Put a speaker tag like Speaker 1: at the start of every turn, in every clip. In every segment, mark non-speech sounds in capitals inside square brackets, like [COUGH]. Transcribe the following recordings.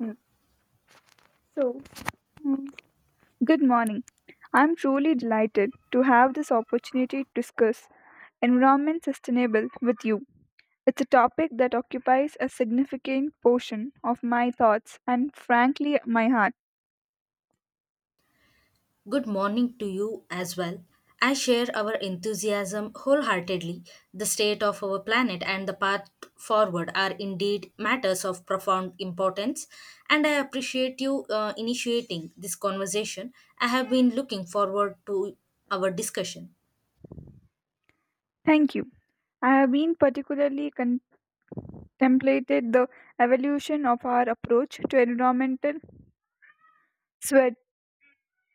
Speaker 1: Mm. So, mm, Good morning. I'm truly delighted to have this opportunity to discuss environment sustainable with you. It's a topic that occupies a significant portion of my thoughts and frankly my heart.
Speaker 2: Good morning to you as well. I share our enthusiasm wholeheartedly. The state of our planet and the path forward are indeed matters of profound importance, and I appreciate you initiating this conversation. I have been looking forward to our discussion.
Speaker 1: Thank you. I have been particularly contemplated the evolution of our approach to environmental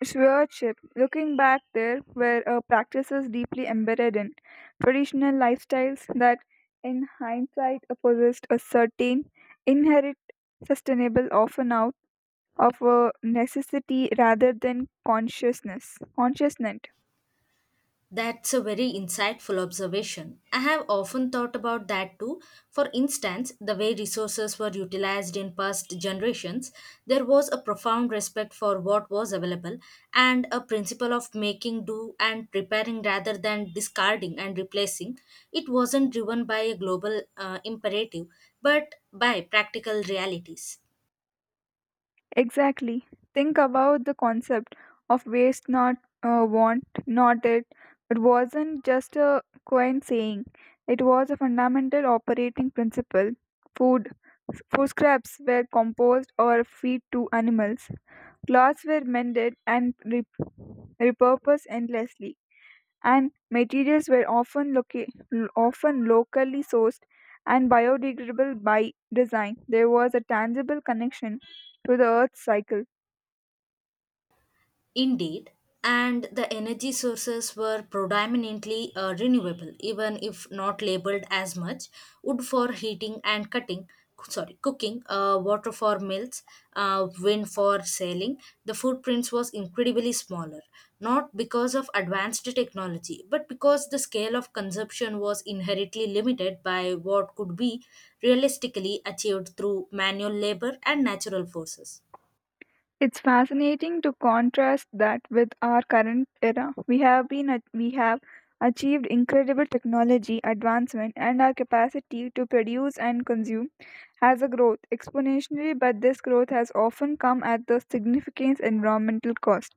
Speaker 1: stewardship. Looking back, there were practices deeply embedded in traditional lifestyles that, in hindsight, possessed a certain inherent sustainable, often out of a necessity rather than consciousness. Consciousness.
Speaker 2: That's a very insightful observation. I have often thought about that too. For instance, the way resources were utilized in past generations, there was a profound respect for what was available and a principle of making do and preparing rather than discarding and replacing. It wasn't driven by a global imperative, but by practical realities.
Speaker 1: Exactly. Think about the concept of waste not want not it. It wasn't just a quaint saying. It was a fundamental operating principle. Food Food scraps were composed or fed to animals, clothes were mended and repurposed endlessly, and materials were often, often locally sourced and biodegradable by design. There was a tangible connection to the earth's cycle.
Speaker 2: Indeed, and the energy sources were predominantly renewable, even if not labeled as much. Wood for heating and cooking, water for mills, wind for sailing. The footprints was incredibly smaller, not because of advanced technology, but because the scale of consumption was inherently limited by what could be realistically achieved through manual labor and natural forces.
Speaker 1: It's fascinating to contrast that with our current era. We have achieved incredible technology advancement and our capacity to produce and consume has a growth exponentially, but this growth has often come at the significant environmental cost,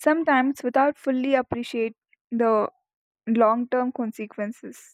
Speaker 1: sometimes without fully appreciate the long-term consequences.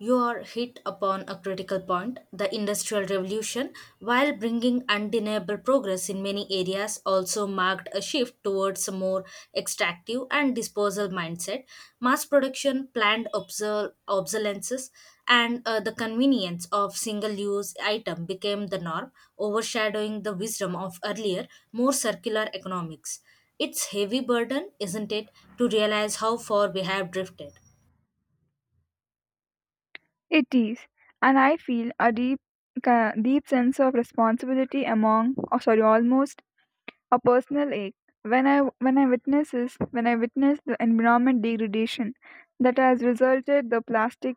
Speaker 2: You are hit upon a critical point. The Industrial Revolution, while bringing undeniable progress in many areas, also marked a shift towards a more extractive and disposal mindset. Mass production, planned obsolescence, and the convenience of single use item became the norm, overshadowing the wisdom of earlier, more circular economics. It's heavy burden, isn't it, to realize how far we have drifted.
Speaker 1: It is, and I feel a deep deep sense of responsibility among, oh, sorry, almost a personal ache. When I when I witness the environment degradation that has resulted the plastic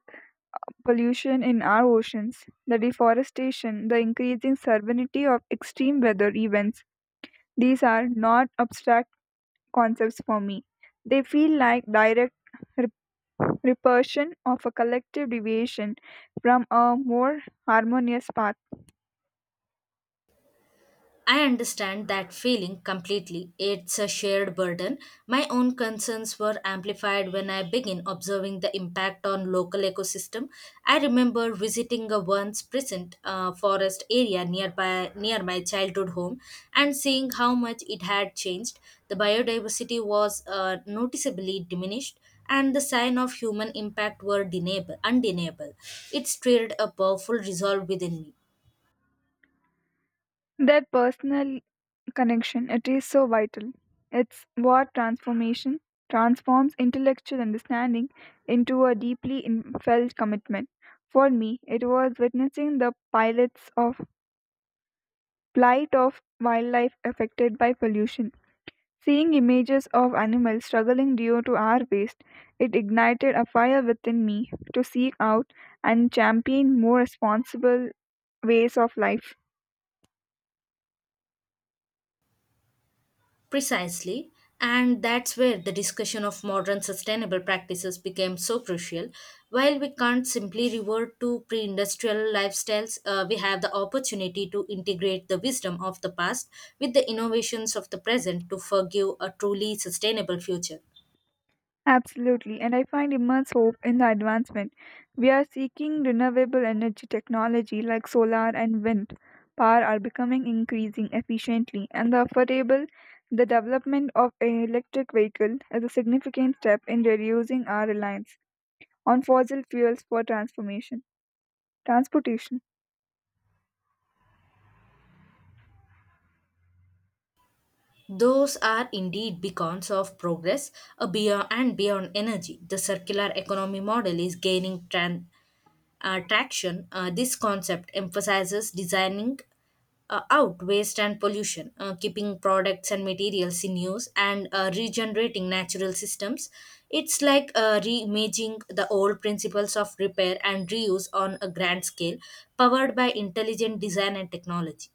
Speaker 1: pollution in our oceans, the deforestation, the increasing severity of extreme weather events, these are not abstract concepts for me. They feel like direct rep- repercussion of a collective deviation from a more harmonious path.
Speaker 2: I understand that feeling completely. It's a shared burden. My own concerns were amplified when I began observing the impact on local ecosystem. I remember visiting a once present forest area nearby near my childhood home and seeing how much it had changed. The biodiversity was noticeably diminished and the sign of human impact were undeniable. It stirred a powerful resolve within me.
Speaker 1: That personal connection, it is so vital. It's what transformation transforms intellectual understanding into a deeply felt commitment. For me, it was witnessing the pilots of plight of wildlife affected by pollution. Seeing images of animals struggling due to our waste, it ignited a fire within me to seek out and champion more responsible ways of life.
Speaker 2: Precisely, and that's where the discussion of modern sustainable practices became so crucial. While we can't simply revert to pre industrial lifestyles, we have the opportunity to integrate the wisdom of the past with the innovations of the present to forgive a truly sustainable future.
Speaker 1: Absolutely, and I find immense hope in the advancement. We are seeking renewable energy technology like solar and wind power are becoming increasing efficiently and the affordable the development of an electric vehicle is a significant step in reducing our reliance on fossil fuels for transformation transportation.
Speaker 2: Those are indeed beacons of progress beyond energy. The circular economy model is gaining traction, this concept emphasizes designing out waste and pollution, keeping products and materials in use, and regenerating natural systems. It's like reimaging the old principles of repair and reuse on a grand scale, powered by intelligent design and technology.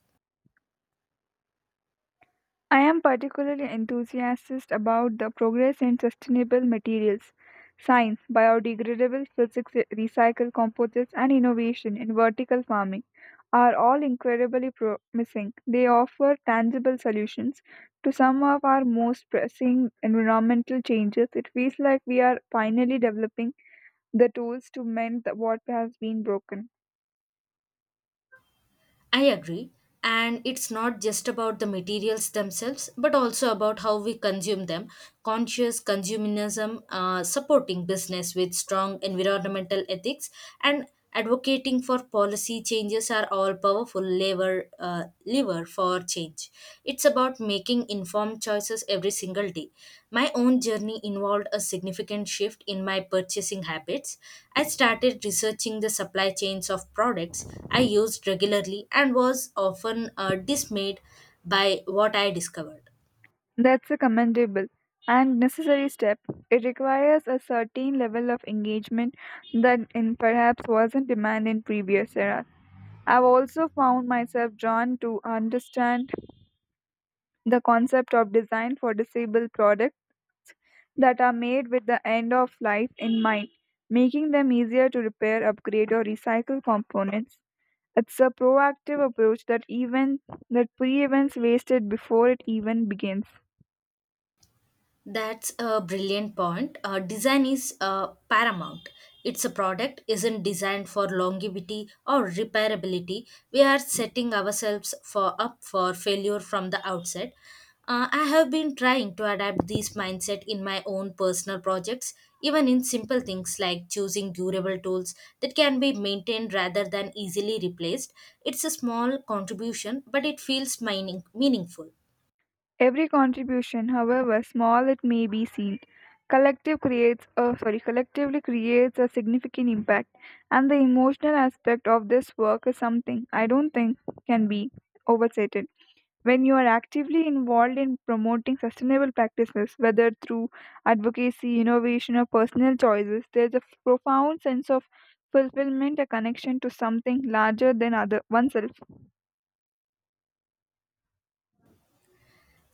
Speaker 1: I am particularly enthusiastic about the progress in sustainable materials, science, biodegradable physics, recycled composites, and innovation in vertical farming are all incredibly promising. They offer tangible solutions to some of our most pressing environmental changes. It feels like we are finally developing the tools to mend what has been broken.
Speaker 2: I agree. And it's not just about the materials themselves, but also about how we consume them. Conscious consumerism, supporting business with strong environmental ethics, and advocating for policy changes are all powerful lever for or change. It's about making informed choices every single day. My own journey involved a significant shift in my purchasing habits. I started researching the supply chains of products I used regularly and was often dismayed by what I discovered.
Speaker 1: That's a commendable and necessary step. It requires a certain level of engagement that in perhaps wasn't demanded in previous eras. I've also found myself drawn to understand the concept of design for disabled products that are made with the end of life in mind, making them easier to repair, upgrade, or recycle components. It's a proactive approach that prevents wasted before it even begins.
Speaker 2: That's a brilliant point. Design is paramount. It's a product isn't designed for longevity or repairability. We are setting ourselves for up for failure from the outset. I have been trying to adapt this mindset in my own personal projects, even in simple things like choosing durable tools that can be maintained rather than easily replaced. It's a small contribution, but it feels meaningful.
Speaker 1: Every contribution, however small it may be seen, collectively creates a significant impact, and the emotional aspect of this work is something I don't think can be overstated. When you are actively involved in promoting sustainable practices, whether through advocacy, innovation, or personal choices, there's a profound sense of fulfillment, a connection to something larger than other oneself.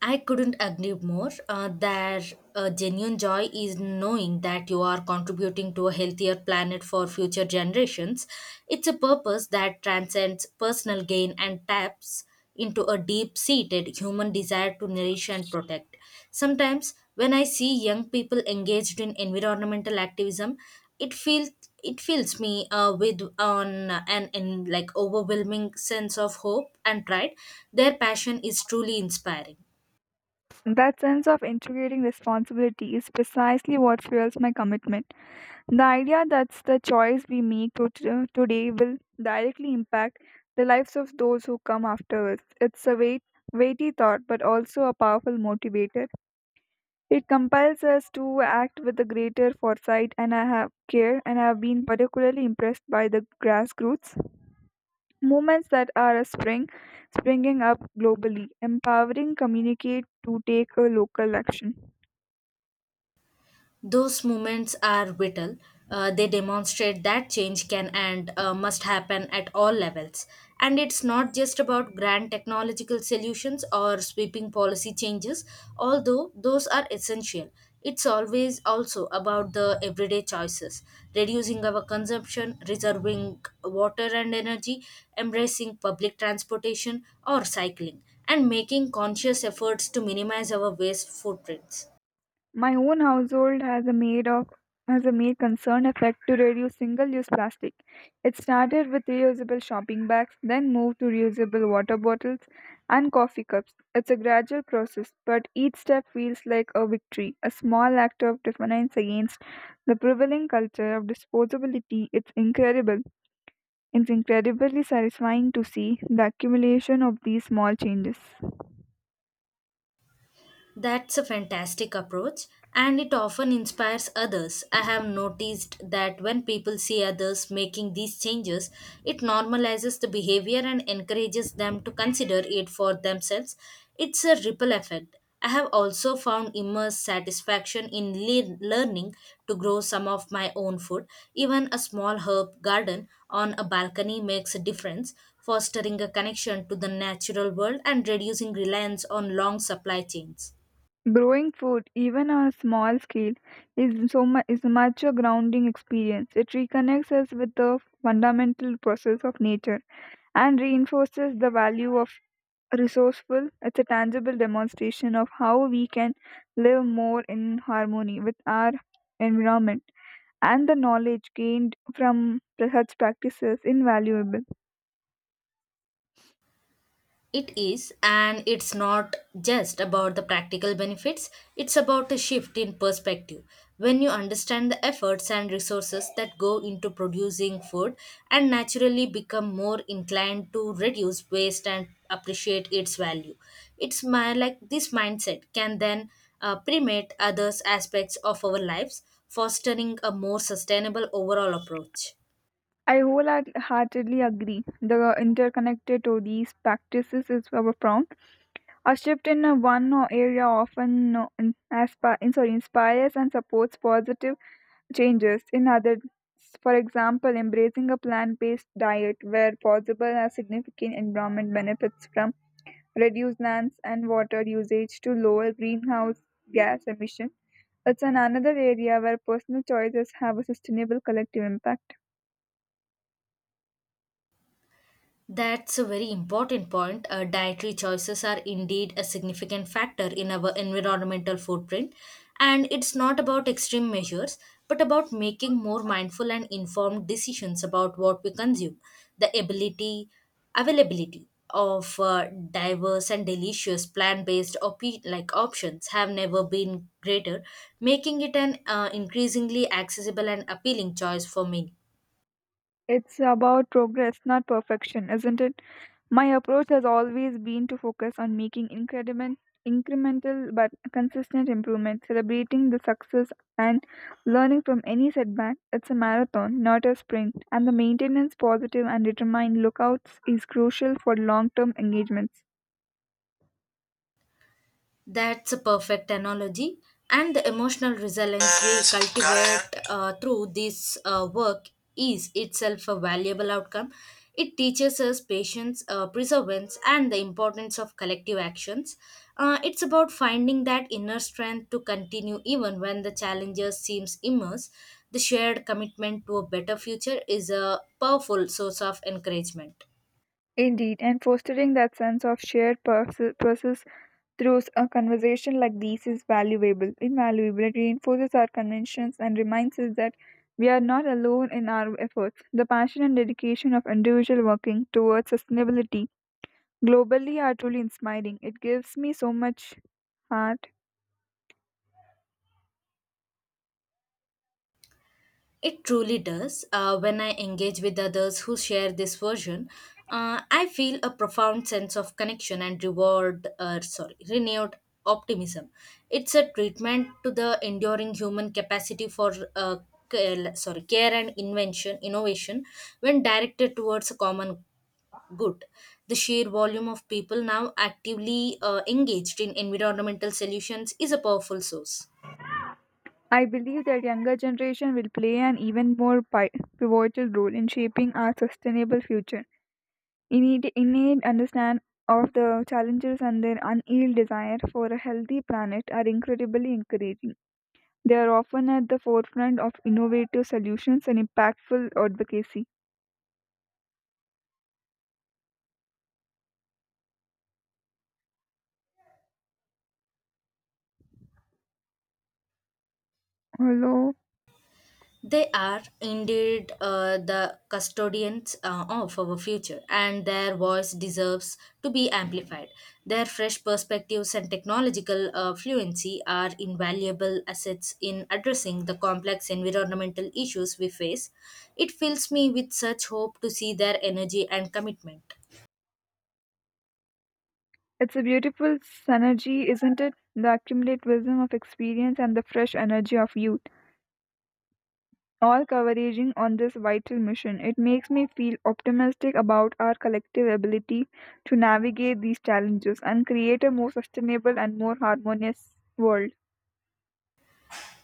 Speaker 2: I couldn't agree more. Their genuine joy is knowing that you are contributing to a healthier planet for future generations. It's a purpose that transcends personal gain and taps into a deep seated human desire to nourish and protect. Sometimes, when I see young people engaged in environmental activism, it feels it fills me with on an in like overwhelming sense of hope and pride. Their passion is truly inspiring.
Speaker 1: That sense of integrating responsibility is precisely what fuels my commitment. The idea that the choice we make today will directly impact the lives of those who come after us. It's a weighty thought, but also a powerful motivator. It compels us to act with a greater foresight and I have care, and I have been particularly impressed by the grassroots movements that are springing up globally, empowering communicate to take a local action.
Speaker 2: Those moments are vital. They demonstrate that change can and must happen at all levels. And it's not just about grand technological solutions or sweeping policy changes, although those are essential. It's always also about the everyday choices, reducing our consumption, reserving water and energy, embracing public transportation or cycling, and making conscious efforts to minimize our waste footprints.
Speaker 1: My own household has a made of has a made concerned effort to reduce single-use plastic. It started with reusable shopping bags, then moved to reusable water bottles and coffee cups. It's a gradual process, but each step feels like a victory, a small act of defiance against the prevailing culture of disposability. It's incredible. It's incredibly satisfying to see the accumulation of these small changes.
Speaker 2: That's a fantastic approach, and it often inspires others. I have noticed that when people see others making these changes, it normalizes the behavior and encourages them to consider it for themselves. It's a ripple effect. I have also found immense satisfaction in learning to grow some of my own food. Even a small herb garden on a balcony makes a difference, fostering a connection to the natural world and reducing reliance on long supply chains.
Speaker 1: Growing food, even on a small scale, is much a grounding experience. It reconnects us with the fundamental process of nature and reinforces the value of resourceful. It's a tangible demonstration of how we can live more in harmony with our environment and the knowledge gained from such practices invaluable.
Speaker 2: It is, and it's not just about the practical benefits, it's about a shift in perspective. When you understand the efforts and resources that go into producing food and naturally become more inclined to reduce waste and appreciate its value. It's my like this mindset can then permeate others aspects of our lives, fostering a more sustainable overall approach.
Speaker 1: I wholeheartedly agree. The interconnected to these practices is our prompt A shift in one area often inspires and supports positive changes in others. For example, embracing a plant based diet where possible has significant environment benefits from reduced lands and water usage to lower greenhouse gas emission. It's an another area where personal choices have a sustainable collective impact.
Speaker 2: That's a very important point. Dietary choices are indeed a significant factor in our environmental footprint. And it's not about extreme measures, but about making more mindful and informed decisions about what we consume. The availability of diverse and delicious plant-based options have never been greater, making it an increasingly accessible and appealing choice for many.
Speaker 1: It's about progress, not perfection, isn't it? My approach has always been to focus on making incremental but consistent improvement, celebrating the success and learning from any setback. It's a marathon, not a sprint, and the maintenance positive and determined lookouts is crucial for long term engagements.
Speaker 2: That's a perfect analogy. And the emotional resilience we cultivate through this work is itself a valuable outcome. It teaches us patience, perseverance, and the importance of collective actions. It's about finding that inner strength to continue even when the challenges seems immense. The shared commitment to a better future is a powerful source of encouragement.
Speaker 1: Indeed, and fostering that sense of shared purpose. Through a conversation like this is valuable invaluable it reinforces our conventions and reminds us that we are not alone in our efforts the passion and dedication of individual working towards sustainability globally are truly inspiring it gives me so much heart.
Speaker 2: It truly does. When I engage with others who share this version, I feel a profound sense of connection and renewed optimism. It's a treatment to the enduring human capacity for. Care- sorry care and invention innovation when directed towards a common good. The sheer volume of people now actively engaged in environmental solutions is a powerful source.
Speaker 1: I believe that younger generation will play an even more pivotal role in shaping our sustainable future innate understand of the challenges and their unyielding desire for a healthy planet are incredibly encouraging. They are often at the forefront of innovative solutions and impactful advocacy. Hello,
Speaker 2: They are indeed the custodians of our future, and their voice deserves to be amplified. Their fresh perspectives and technological fluency are invaluable assets in addressing the complex environmental issues we face. It fills me with such hope to see their energy and commitment.
Speaker 1: it's a beautiful synergy, isn't it? The accumulate wisdom of experience and the fresh energy of youth, all converging on this vital mission. It makes me feel optimistic about our collective ability to navigate these challenges and create a more sustainable and more harmonious world.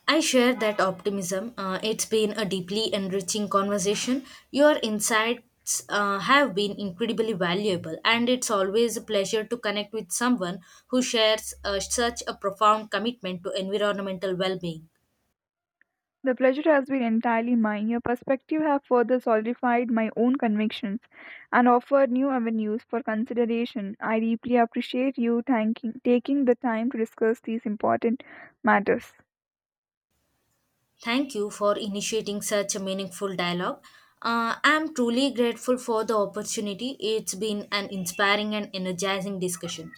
Speaker 2: I share that optimism. It's been a deeply enriching conversation. Your insights have been incredibly valuable, and it's always a pleasure to connect with someone who shares such a profound commitment to environmental well being.
Speaker 1: The pleasure has been entirely mine. Your perspective have further solidified my own convictions and offered new avenues for consideration. I deeply appreciate you thanking, taking the time to discuss these important matters.
Speaker 2: Thank you for initiating such a meaningful dialogue. I'm truly grateful for the opportunity. It's been an inspiring and energizing discussion.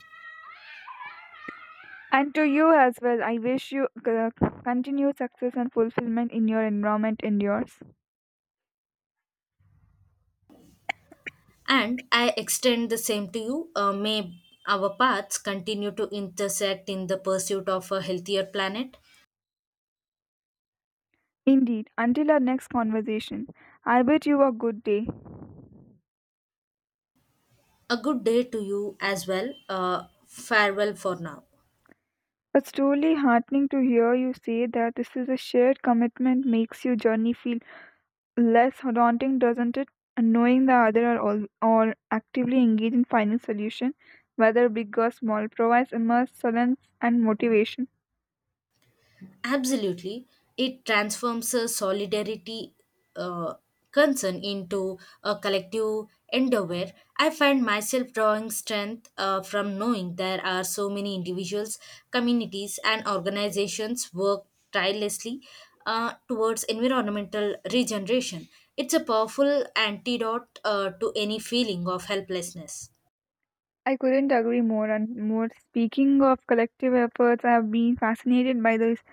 Speaker 1: And to you as well, I wish you continued success and fulfillment in your environment and yours.
Speaker 2: And I extend the same to you. May our paths continue to intersect in the pursuit of a healthier planet.
Speaker 1: Indeed, until our next conversation, I bid you a good day.
Speaker 2: A good day to you as well. Farewell for now.
Speaker 1: It's truly heartening to hear you say that this is a shared commitment makes your journey feel less daunting, doesn't it? And knowing the other are all or actively engaged in finding solution, whether big or small, provides immense solace and motivation.
Speaker 2: Absolutely. It transforms a solidarity uh, concern into a collective endeavor. I find myself drawing strength from knowing there are so many individuals, communities, and organizations work tirelessly towards environmental regeneration. It's a powerful antidote to any feeling of helplessness.
Speaker 1: I couldn't agree more and more. Speaking of collective efforts, I have been fascinated by this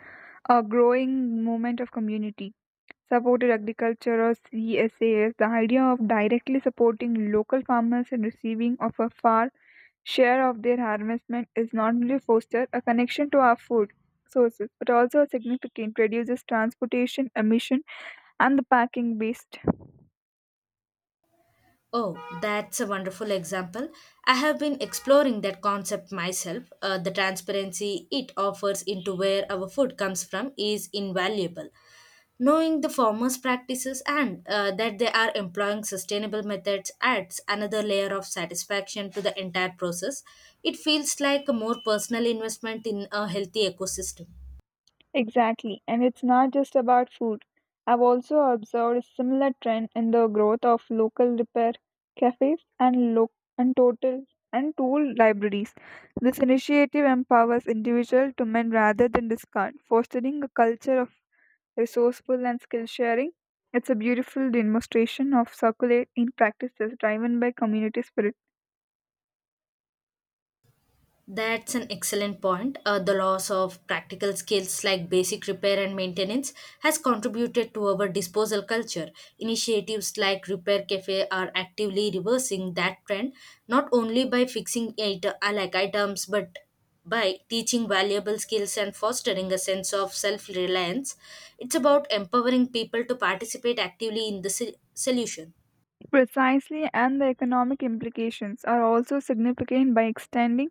Speaker 1: growing movement of community supported agriculture or CSAS. The idea of directly supporting local farmers and receiving of a far share of their harvestment is not only foster a connection to our food sources but also a significant reduces transportation emission and the packing waste.
Speaker 2: Oh, that's a wonderful example. I have been exploring that concept myself. The transparency it offers into where our food comes from is invaluable. Knowing the farmers' practices and that they are employing sustainable methods adds another layer of satisfaction to the entire process. It feels like a more personal investment in a healthy ecosystem.
Speaker 1: Exactly, and it's not just about food. I've also observed a similar trend in the growth of local repair cafes and lo- and total and tool libraries. This initiative empowers individuals to mend rather than discard fostering a culture of resourceful and skill sharing. It's a beautiful demonstration of circulate in practices driven by community spirit.
Speaker 2: That's an excellent point. The loss of practical skills like basic repair and maintenance has contributed to our disposal culture. Initiatives like Repair Cafe are actively reversing that trend, not only by fixing it, like items, but by teaching valuable skills and fostering a sense of self reliance. It's about empowering people to participate actively in the solution.
Speaker 1: Precisely, and the economic implications are also significant by extending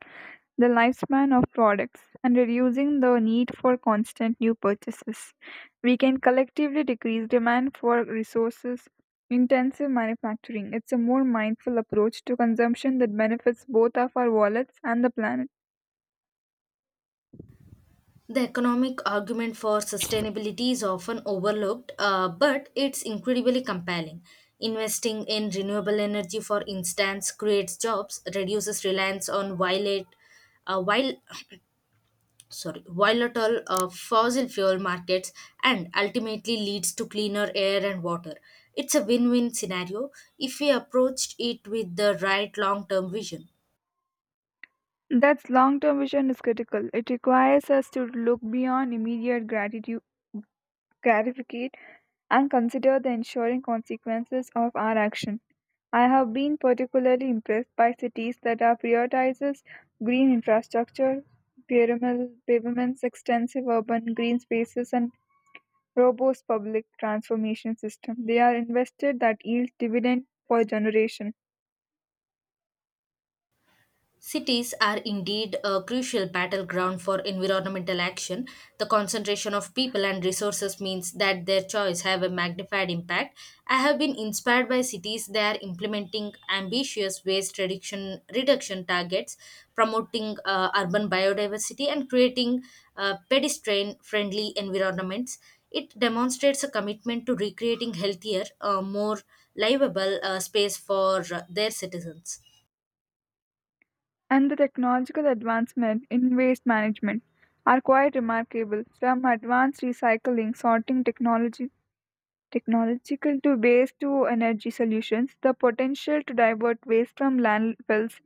Speaker 1: the lifespan of products and reducing the need for constant new purchases. We can collectively decrease demand for resources intensive manufacturing. It's a more mindful approach to consumption that benefits both of our wallets and the planet.
Speaker 2: The economic argument for sustainability is often overlooked, but it's incredibly compelling. Investing in renewable energy, for instance, creates jobs, reduces reliance on violate, while [COUGHS] [CLEARS THROAT] sorry, volatile fossil fuel markets, and ultimately leads to cleaner air and water. It's a win-win scenario if we approached it with the right long-term vision.
Speaker 1: That's long term vision is critical. It requires us to look beyond immediate gratificate, and consider the ensuring consequences of our action. I have been particularly impressed by cities that are prioritizes green infrastructure, pyramid pavements, extensive urban green spaces, and robust public transformation system. They are invested that yield dividend for generation.
Speaker 2: Cities are indeed a crucial battleground for environmental action. The concentration of people and resources means that their choice have a magnified impact. I have been inspired by cities that are implementing ambitious waste reduction targets, promoting urban biodiversity and creating pedestrian friendly environments. It demonstrates a commitment to recreating healthier, more livable space for their citizens.
Speaker 1: And the technological advancement in waste management are quite remarkable from advanced recycling sorting technology technological to waste to energy solutions the potential to divert waste from landfills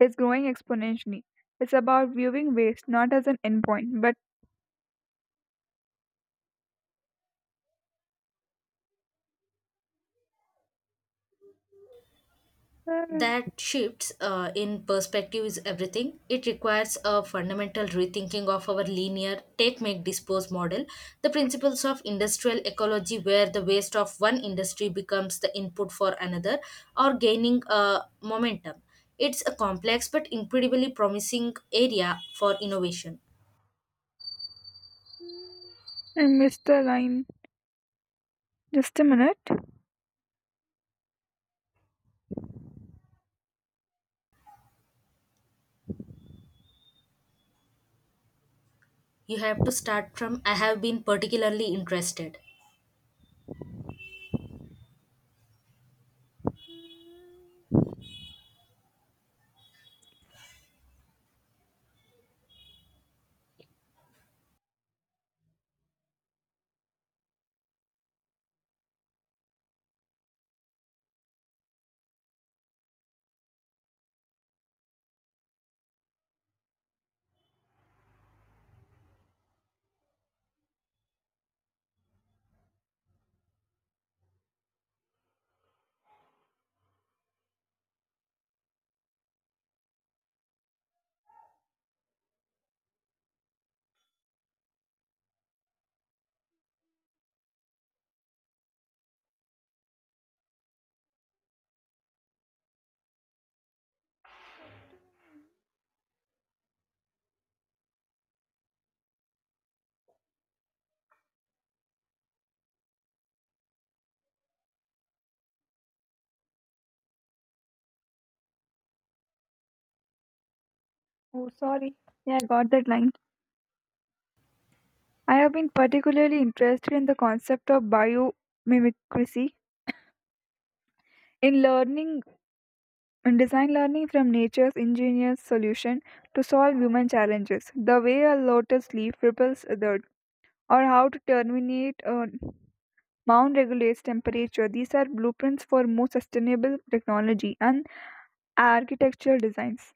Speaker 1: is growing exponentially. It's about viewing waste not as an endpoint but uh,
Speaker 2: That shifts in perspective is everything. It requires a fundamental rethinking of our linear take, make, dispose model. The principles of industrial ecology, where the waste of one industry becomes the input for another, are gaining momentum. It's a complex but incredibly promising area for innovation.
Speaker 1: I missed the line. Just a minute.
Speaker 2: You have to start from I have been particularly interested.
Speaker 1: Oh sorry, yeah I got that line. I have been particularly interested in the concept of biomimicry in learning and design learning from nature's ingenious solution to solve human challenges, the way a lotus leaf ripples others, or how to terminate a mound regulates temperature. These are blueprints for more sustainable technology and architectural designs.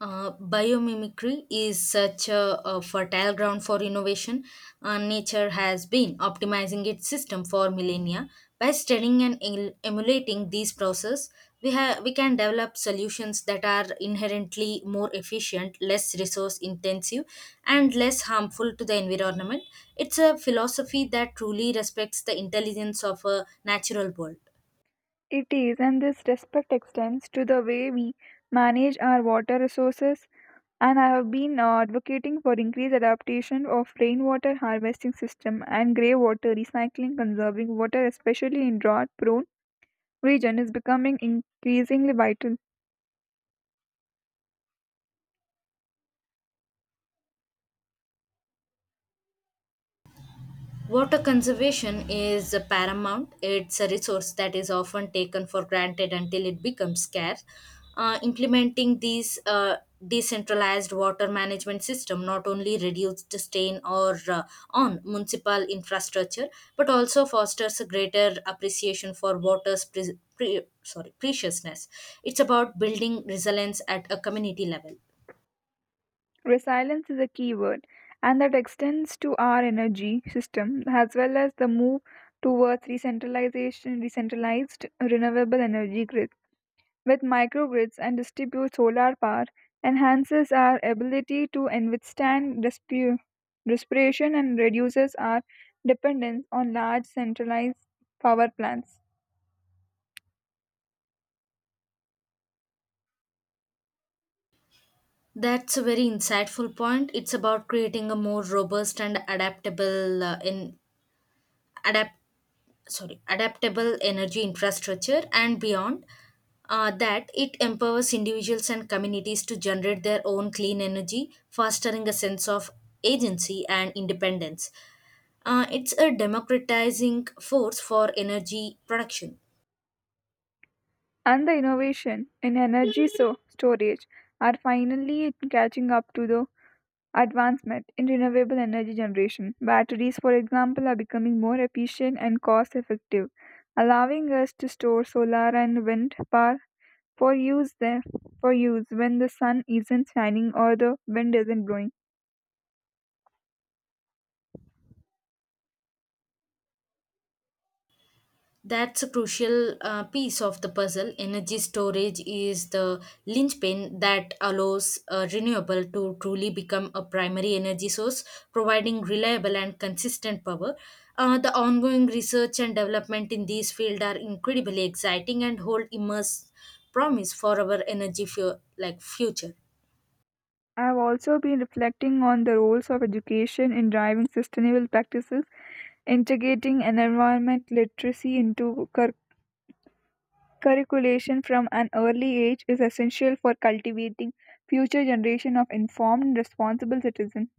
Speaker 2: Biomimicry is such a fertile ground for innovation. Nature has been optimizing its system for millennia. By studying and emulating these processes, we can develop solutions that are inherently more efficient, less resource intensive, and less harmful to the environment. It's a philosophy that truly respects the intelligence of a natural world.
Speaker 1: It is, and this respect extends to the way we manage our water resources, and I have been advocating for increased adaptation of rainwater harvesting system and grey water recycling. Conserving water, especially in drought-prone region, is becoming increasingly vital.
Speaker 2: Water conservation is paramount. It's a resource that is often taken for granted until it becomes scarce. Implementing these decentralized water management system not only reduces the strain or on municipal infrastructure but also fosters a greater appreciation for water's pre- pre- sorry preciousness. It's about building resilience at a community level.
Speaker 1: Resilience is a key word, and that extends to our energy system as well as the move towards decentralized renewable energy grids. With microgrids and distribute solar power, enhances our ability to withstand respiration and reduces our dependence on large centralized power plants.
Speaker 2: That's a very insightful point. It's about creating a more robust and adaptable in adapt sorry adaptable energy infrastructure and beyond, that it empowers individuals and communities to generate their own clean energy, fostering a sense of agency and independence. It's a democratizing force for energy production.
Speaker 1: And the innovation in energy storage are finally catching up to the advancement in renewable energy generation. Batteries, for example, are becoming more efficient and cost effective, allowing us to store solar and wind power For use there for use when the sun isn't shining or the wind isn't blowing.
Speaker 2: That's a crucial piece of the puzzle. Energy storage is the linchpin that allows a renewable to truly become a primary energy source, providing reliable and consistent power. The ongoing research and development in this field are incredibly exciting and hold immense promise for our energy future.
Speaker 1: I have also been reflecting on the roles of education in driving sustainable practices, integrating an environment literacy into curriculation from an early age is essential for cultivating future generation of informed and responsible citizens.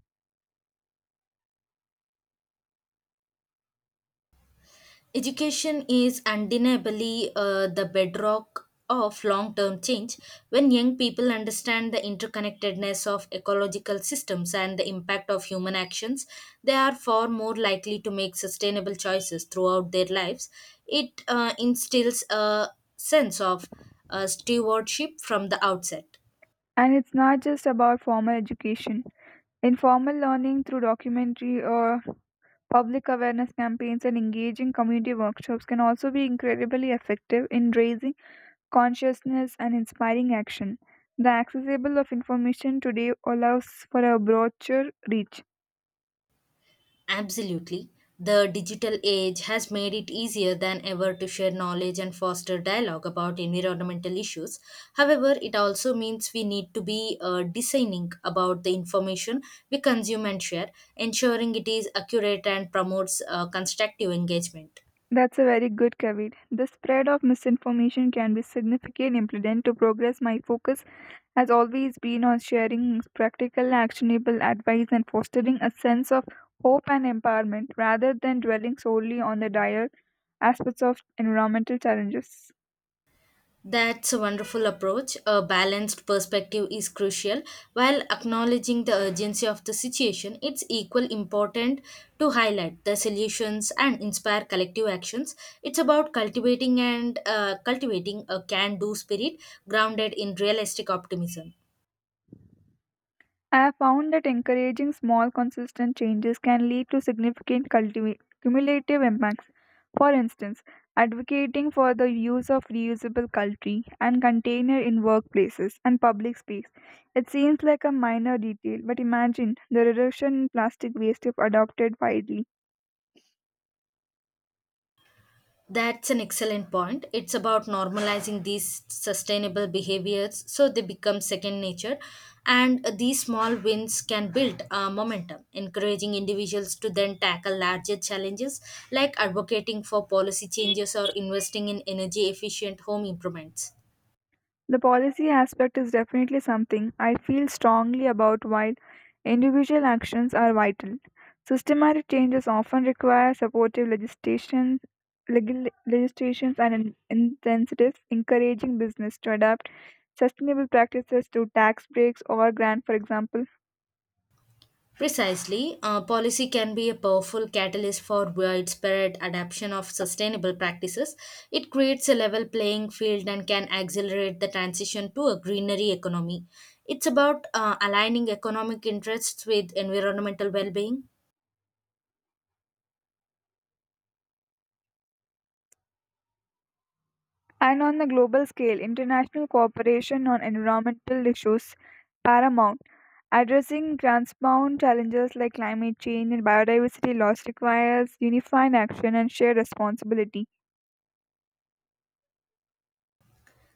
Speaker 2: Education is undeniably the bedrock of long term change. When young people understand the interconnectedness of ecological systems and the impact of human actions, they are far more likely to make sustainable choices throughout their lives. It instills a sense of stewardship from the outset.
Speaker 1: And it's not just about formal education. Informal learning through documentary or public awareness campaigns and engaging community workshops can also be incredibly effective in raising consciousness and inspiring action. The accessible of information today allows for a broader reach.
Speaker 2: Absolutely. The digital age has made it easier than ever to share knowledge and foster dialogue about environmental issues. However, it also means we need to be discerning about the information we consume and share, ensuring it is accurate and promotes constructive engagement.
Speaker 1: That's a very good caveat. The spread of misinformation can be significant impediment to progress. My focus has always been on sharing practical, actionable advice and fostering a sense of hope and empowerment rather than dwelling solely on the dire aspects of environmental challenges.
Speaker 2: That's a wonderful approach. A balanced perspective is crucial. While acknowledging the urgency of the situation, it's equal important to highlight the solutions and inspire collective actions. It's about cultivating a can-do spirit grounded in realistic optimism.
Speaker 1: I have found that encouraging small, consistent changes can lead to significant cumulative impacts. For instance, advocating for the use of reusable cutlery and container in workplaces and public space. It seems like a minor detail, but imagine the reduction in plastic waste if adopted widely.
Speaker 2: That's an excellent point. It's about normalizing these sustainable behaviors so they become second nature. And these small wins can build momentum, encouraging individuals to then tackle larger challenges like advocating for policy changes or investing in energy efficient home improvements.
Speaker 1: The policy aspect is definitely something I feel strongly about while individual actions are vital. Systematic changes often require supportive legislation, legal, legislations and incentives encouraging business to adapt sustainable practices through tax breaks or grants, for example.
Speaker 2: Precisely, policy can be a powerful catalyst for widespread adoption of sustainable practices. It creates a level playing field and can accelerate the transition to a greenery economy. It's about aligning economic interests with environmental well being.
Speaker 1: And on the global scale, international cooperation on environmental issues paramount. Addressing transbound challenges like climate change and biodiversity loss requires unified action and shared responsibility.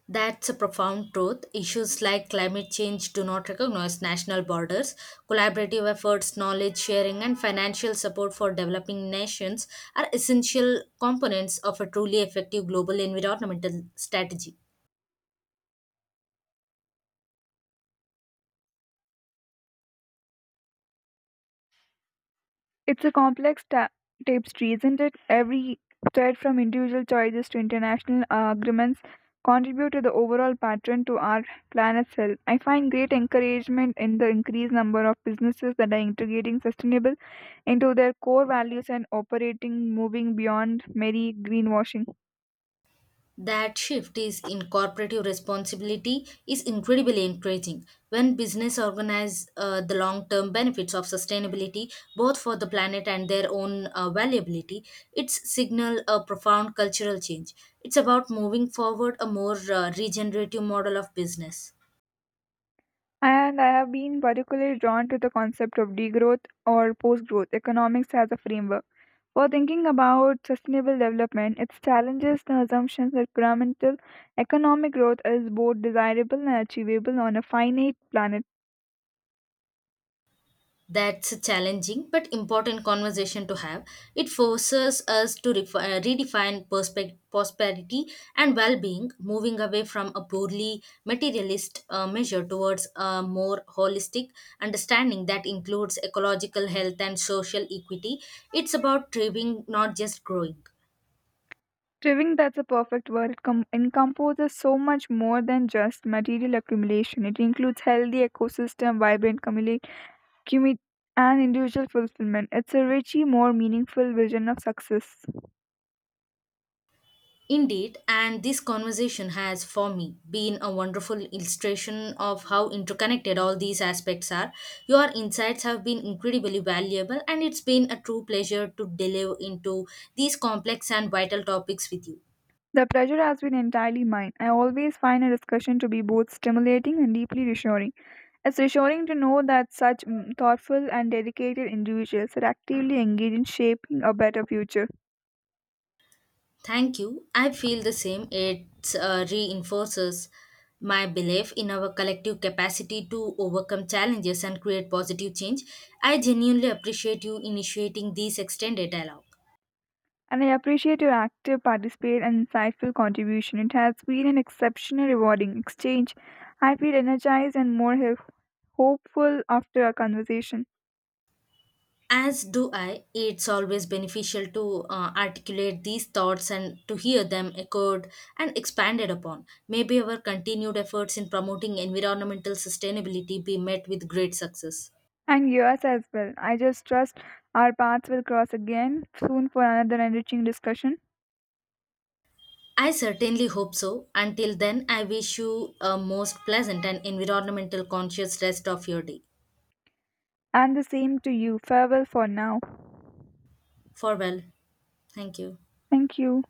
Speaker 2: That's a profound truth. Issues like climate change do not recognize national borders. Collaborative efforts, knowledge sharing, and financial support for developing nations are essential components of a truly effective global environmental strategy.
Speaker 1: It's a complex tapestry, isn't it? Every thread from individual choices to international agreements contribute to the overall pattern to our planet's health. I find great encouragement in the increased number of businesses that are integrating sustainable into their core values and operating moving beyond merry greenwashing.
Speaker 2: That shift is in corporate responsibility is incredibly encouraging. When business organize the long-term benefits of sustainability, both for the planet and their own valuability, it's signal a profound cultural change. It's about moving forward a more regenerative model of business.
Speaker 1: And I have been particularly drawn to the concept of degrowth or post growth economics as a framework. For thinking about sustainable development, it challenges the assumptions that pyramidal economic growth is both desirable and achievable on a finite planet.
Speaker 2: That's a challenging but important conversation to have. It forces us to redefine prosperity and well being, moving away from a purely materialist measure towards a more holistic understanding that includes ecological health and social equity. It's about thriving, not just growing.
Speaker 1: Proving that's a perfect word, it encompasses so much more than just material accumulation. It includes healthy ecosystem, vibrant community commit and individual fulfillment. It's a richly more meaningful vision of success.
Speaker 2: Indeed, and this conversation has, for me, been a wonderful illustration of how interconnected all these aspects are. Your insights have been incredibly valuable, and it's been a true pleasure to delve into these complex and vital topics with you.
Speaker 1: The pleasure has been entirely mine. I always find a discussion to be both stimulating and deeply reassuring. It's reassuring to know that such thoughtful and dedicated individuals are actively engaged in shaping a better future.
Speaker 2: Thank you. I feel the same. It reinforces my belief in our collective capacity to overcome challenges and create positive change. I genuinely appreciate you initiating this extended dialogue.
Speaker 1: And I appreciate your active participate and insightful contribution. It has been an exceptional rewarding exchange. I feel energized and more hopeful after our conversation.
Speaker 2: As do I, it's always beneficial to articulate these thoughts and to hear them echoed and expanded upon. Maybe our continued efforts in promoting environmental sustainability be met with great success.
Speaker 1: And yours as well. I just trust our paths will cross again soon for another enriching discussion.
Speaker 2: I certainly hope so. Until then, I wish you a most pleasant and environmental conscious rest of your day.
Speaker 1: And the same to you. Farewell for now.
Speaker 2: Farewell. Thank you.
Speaker 1: Thank you.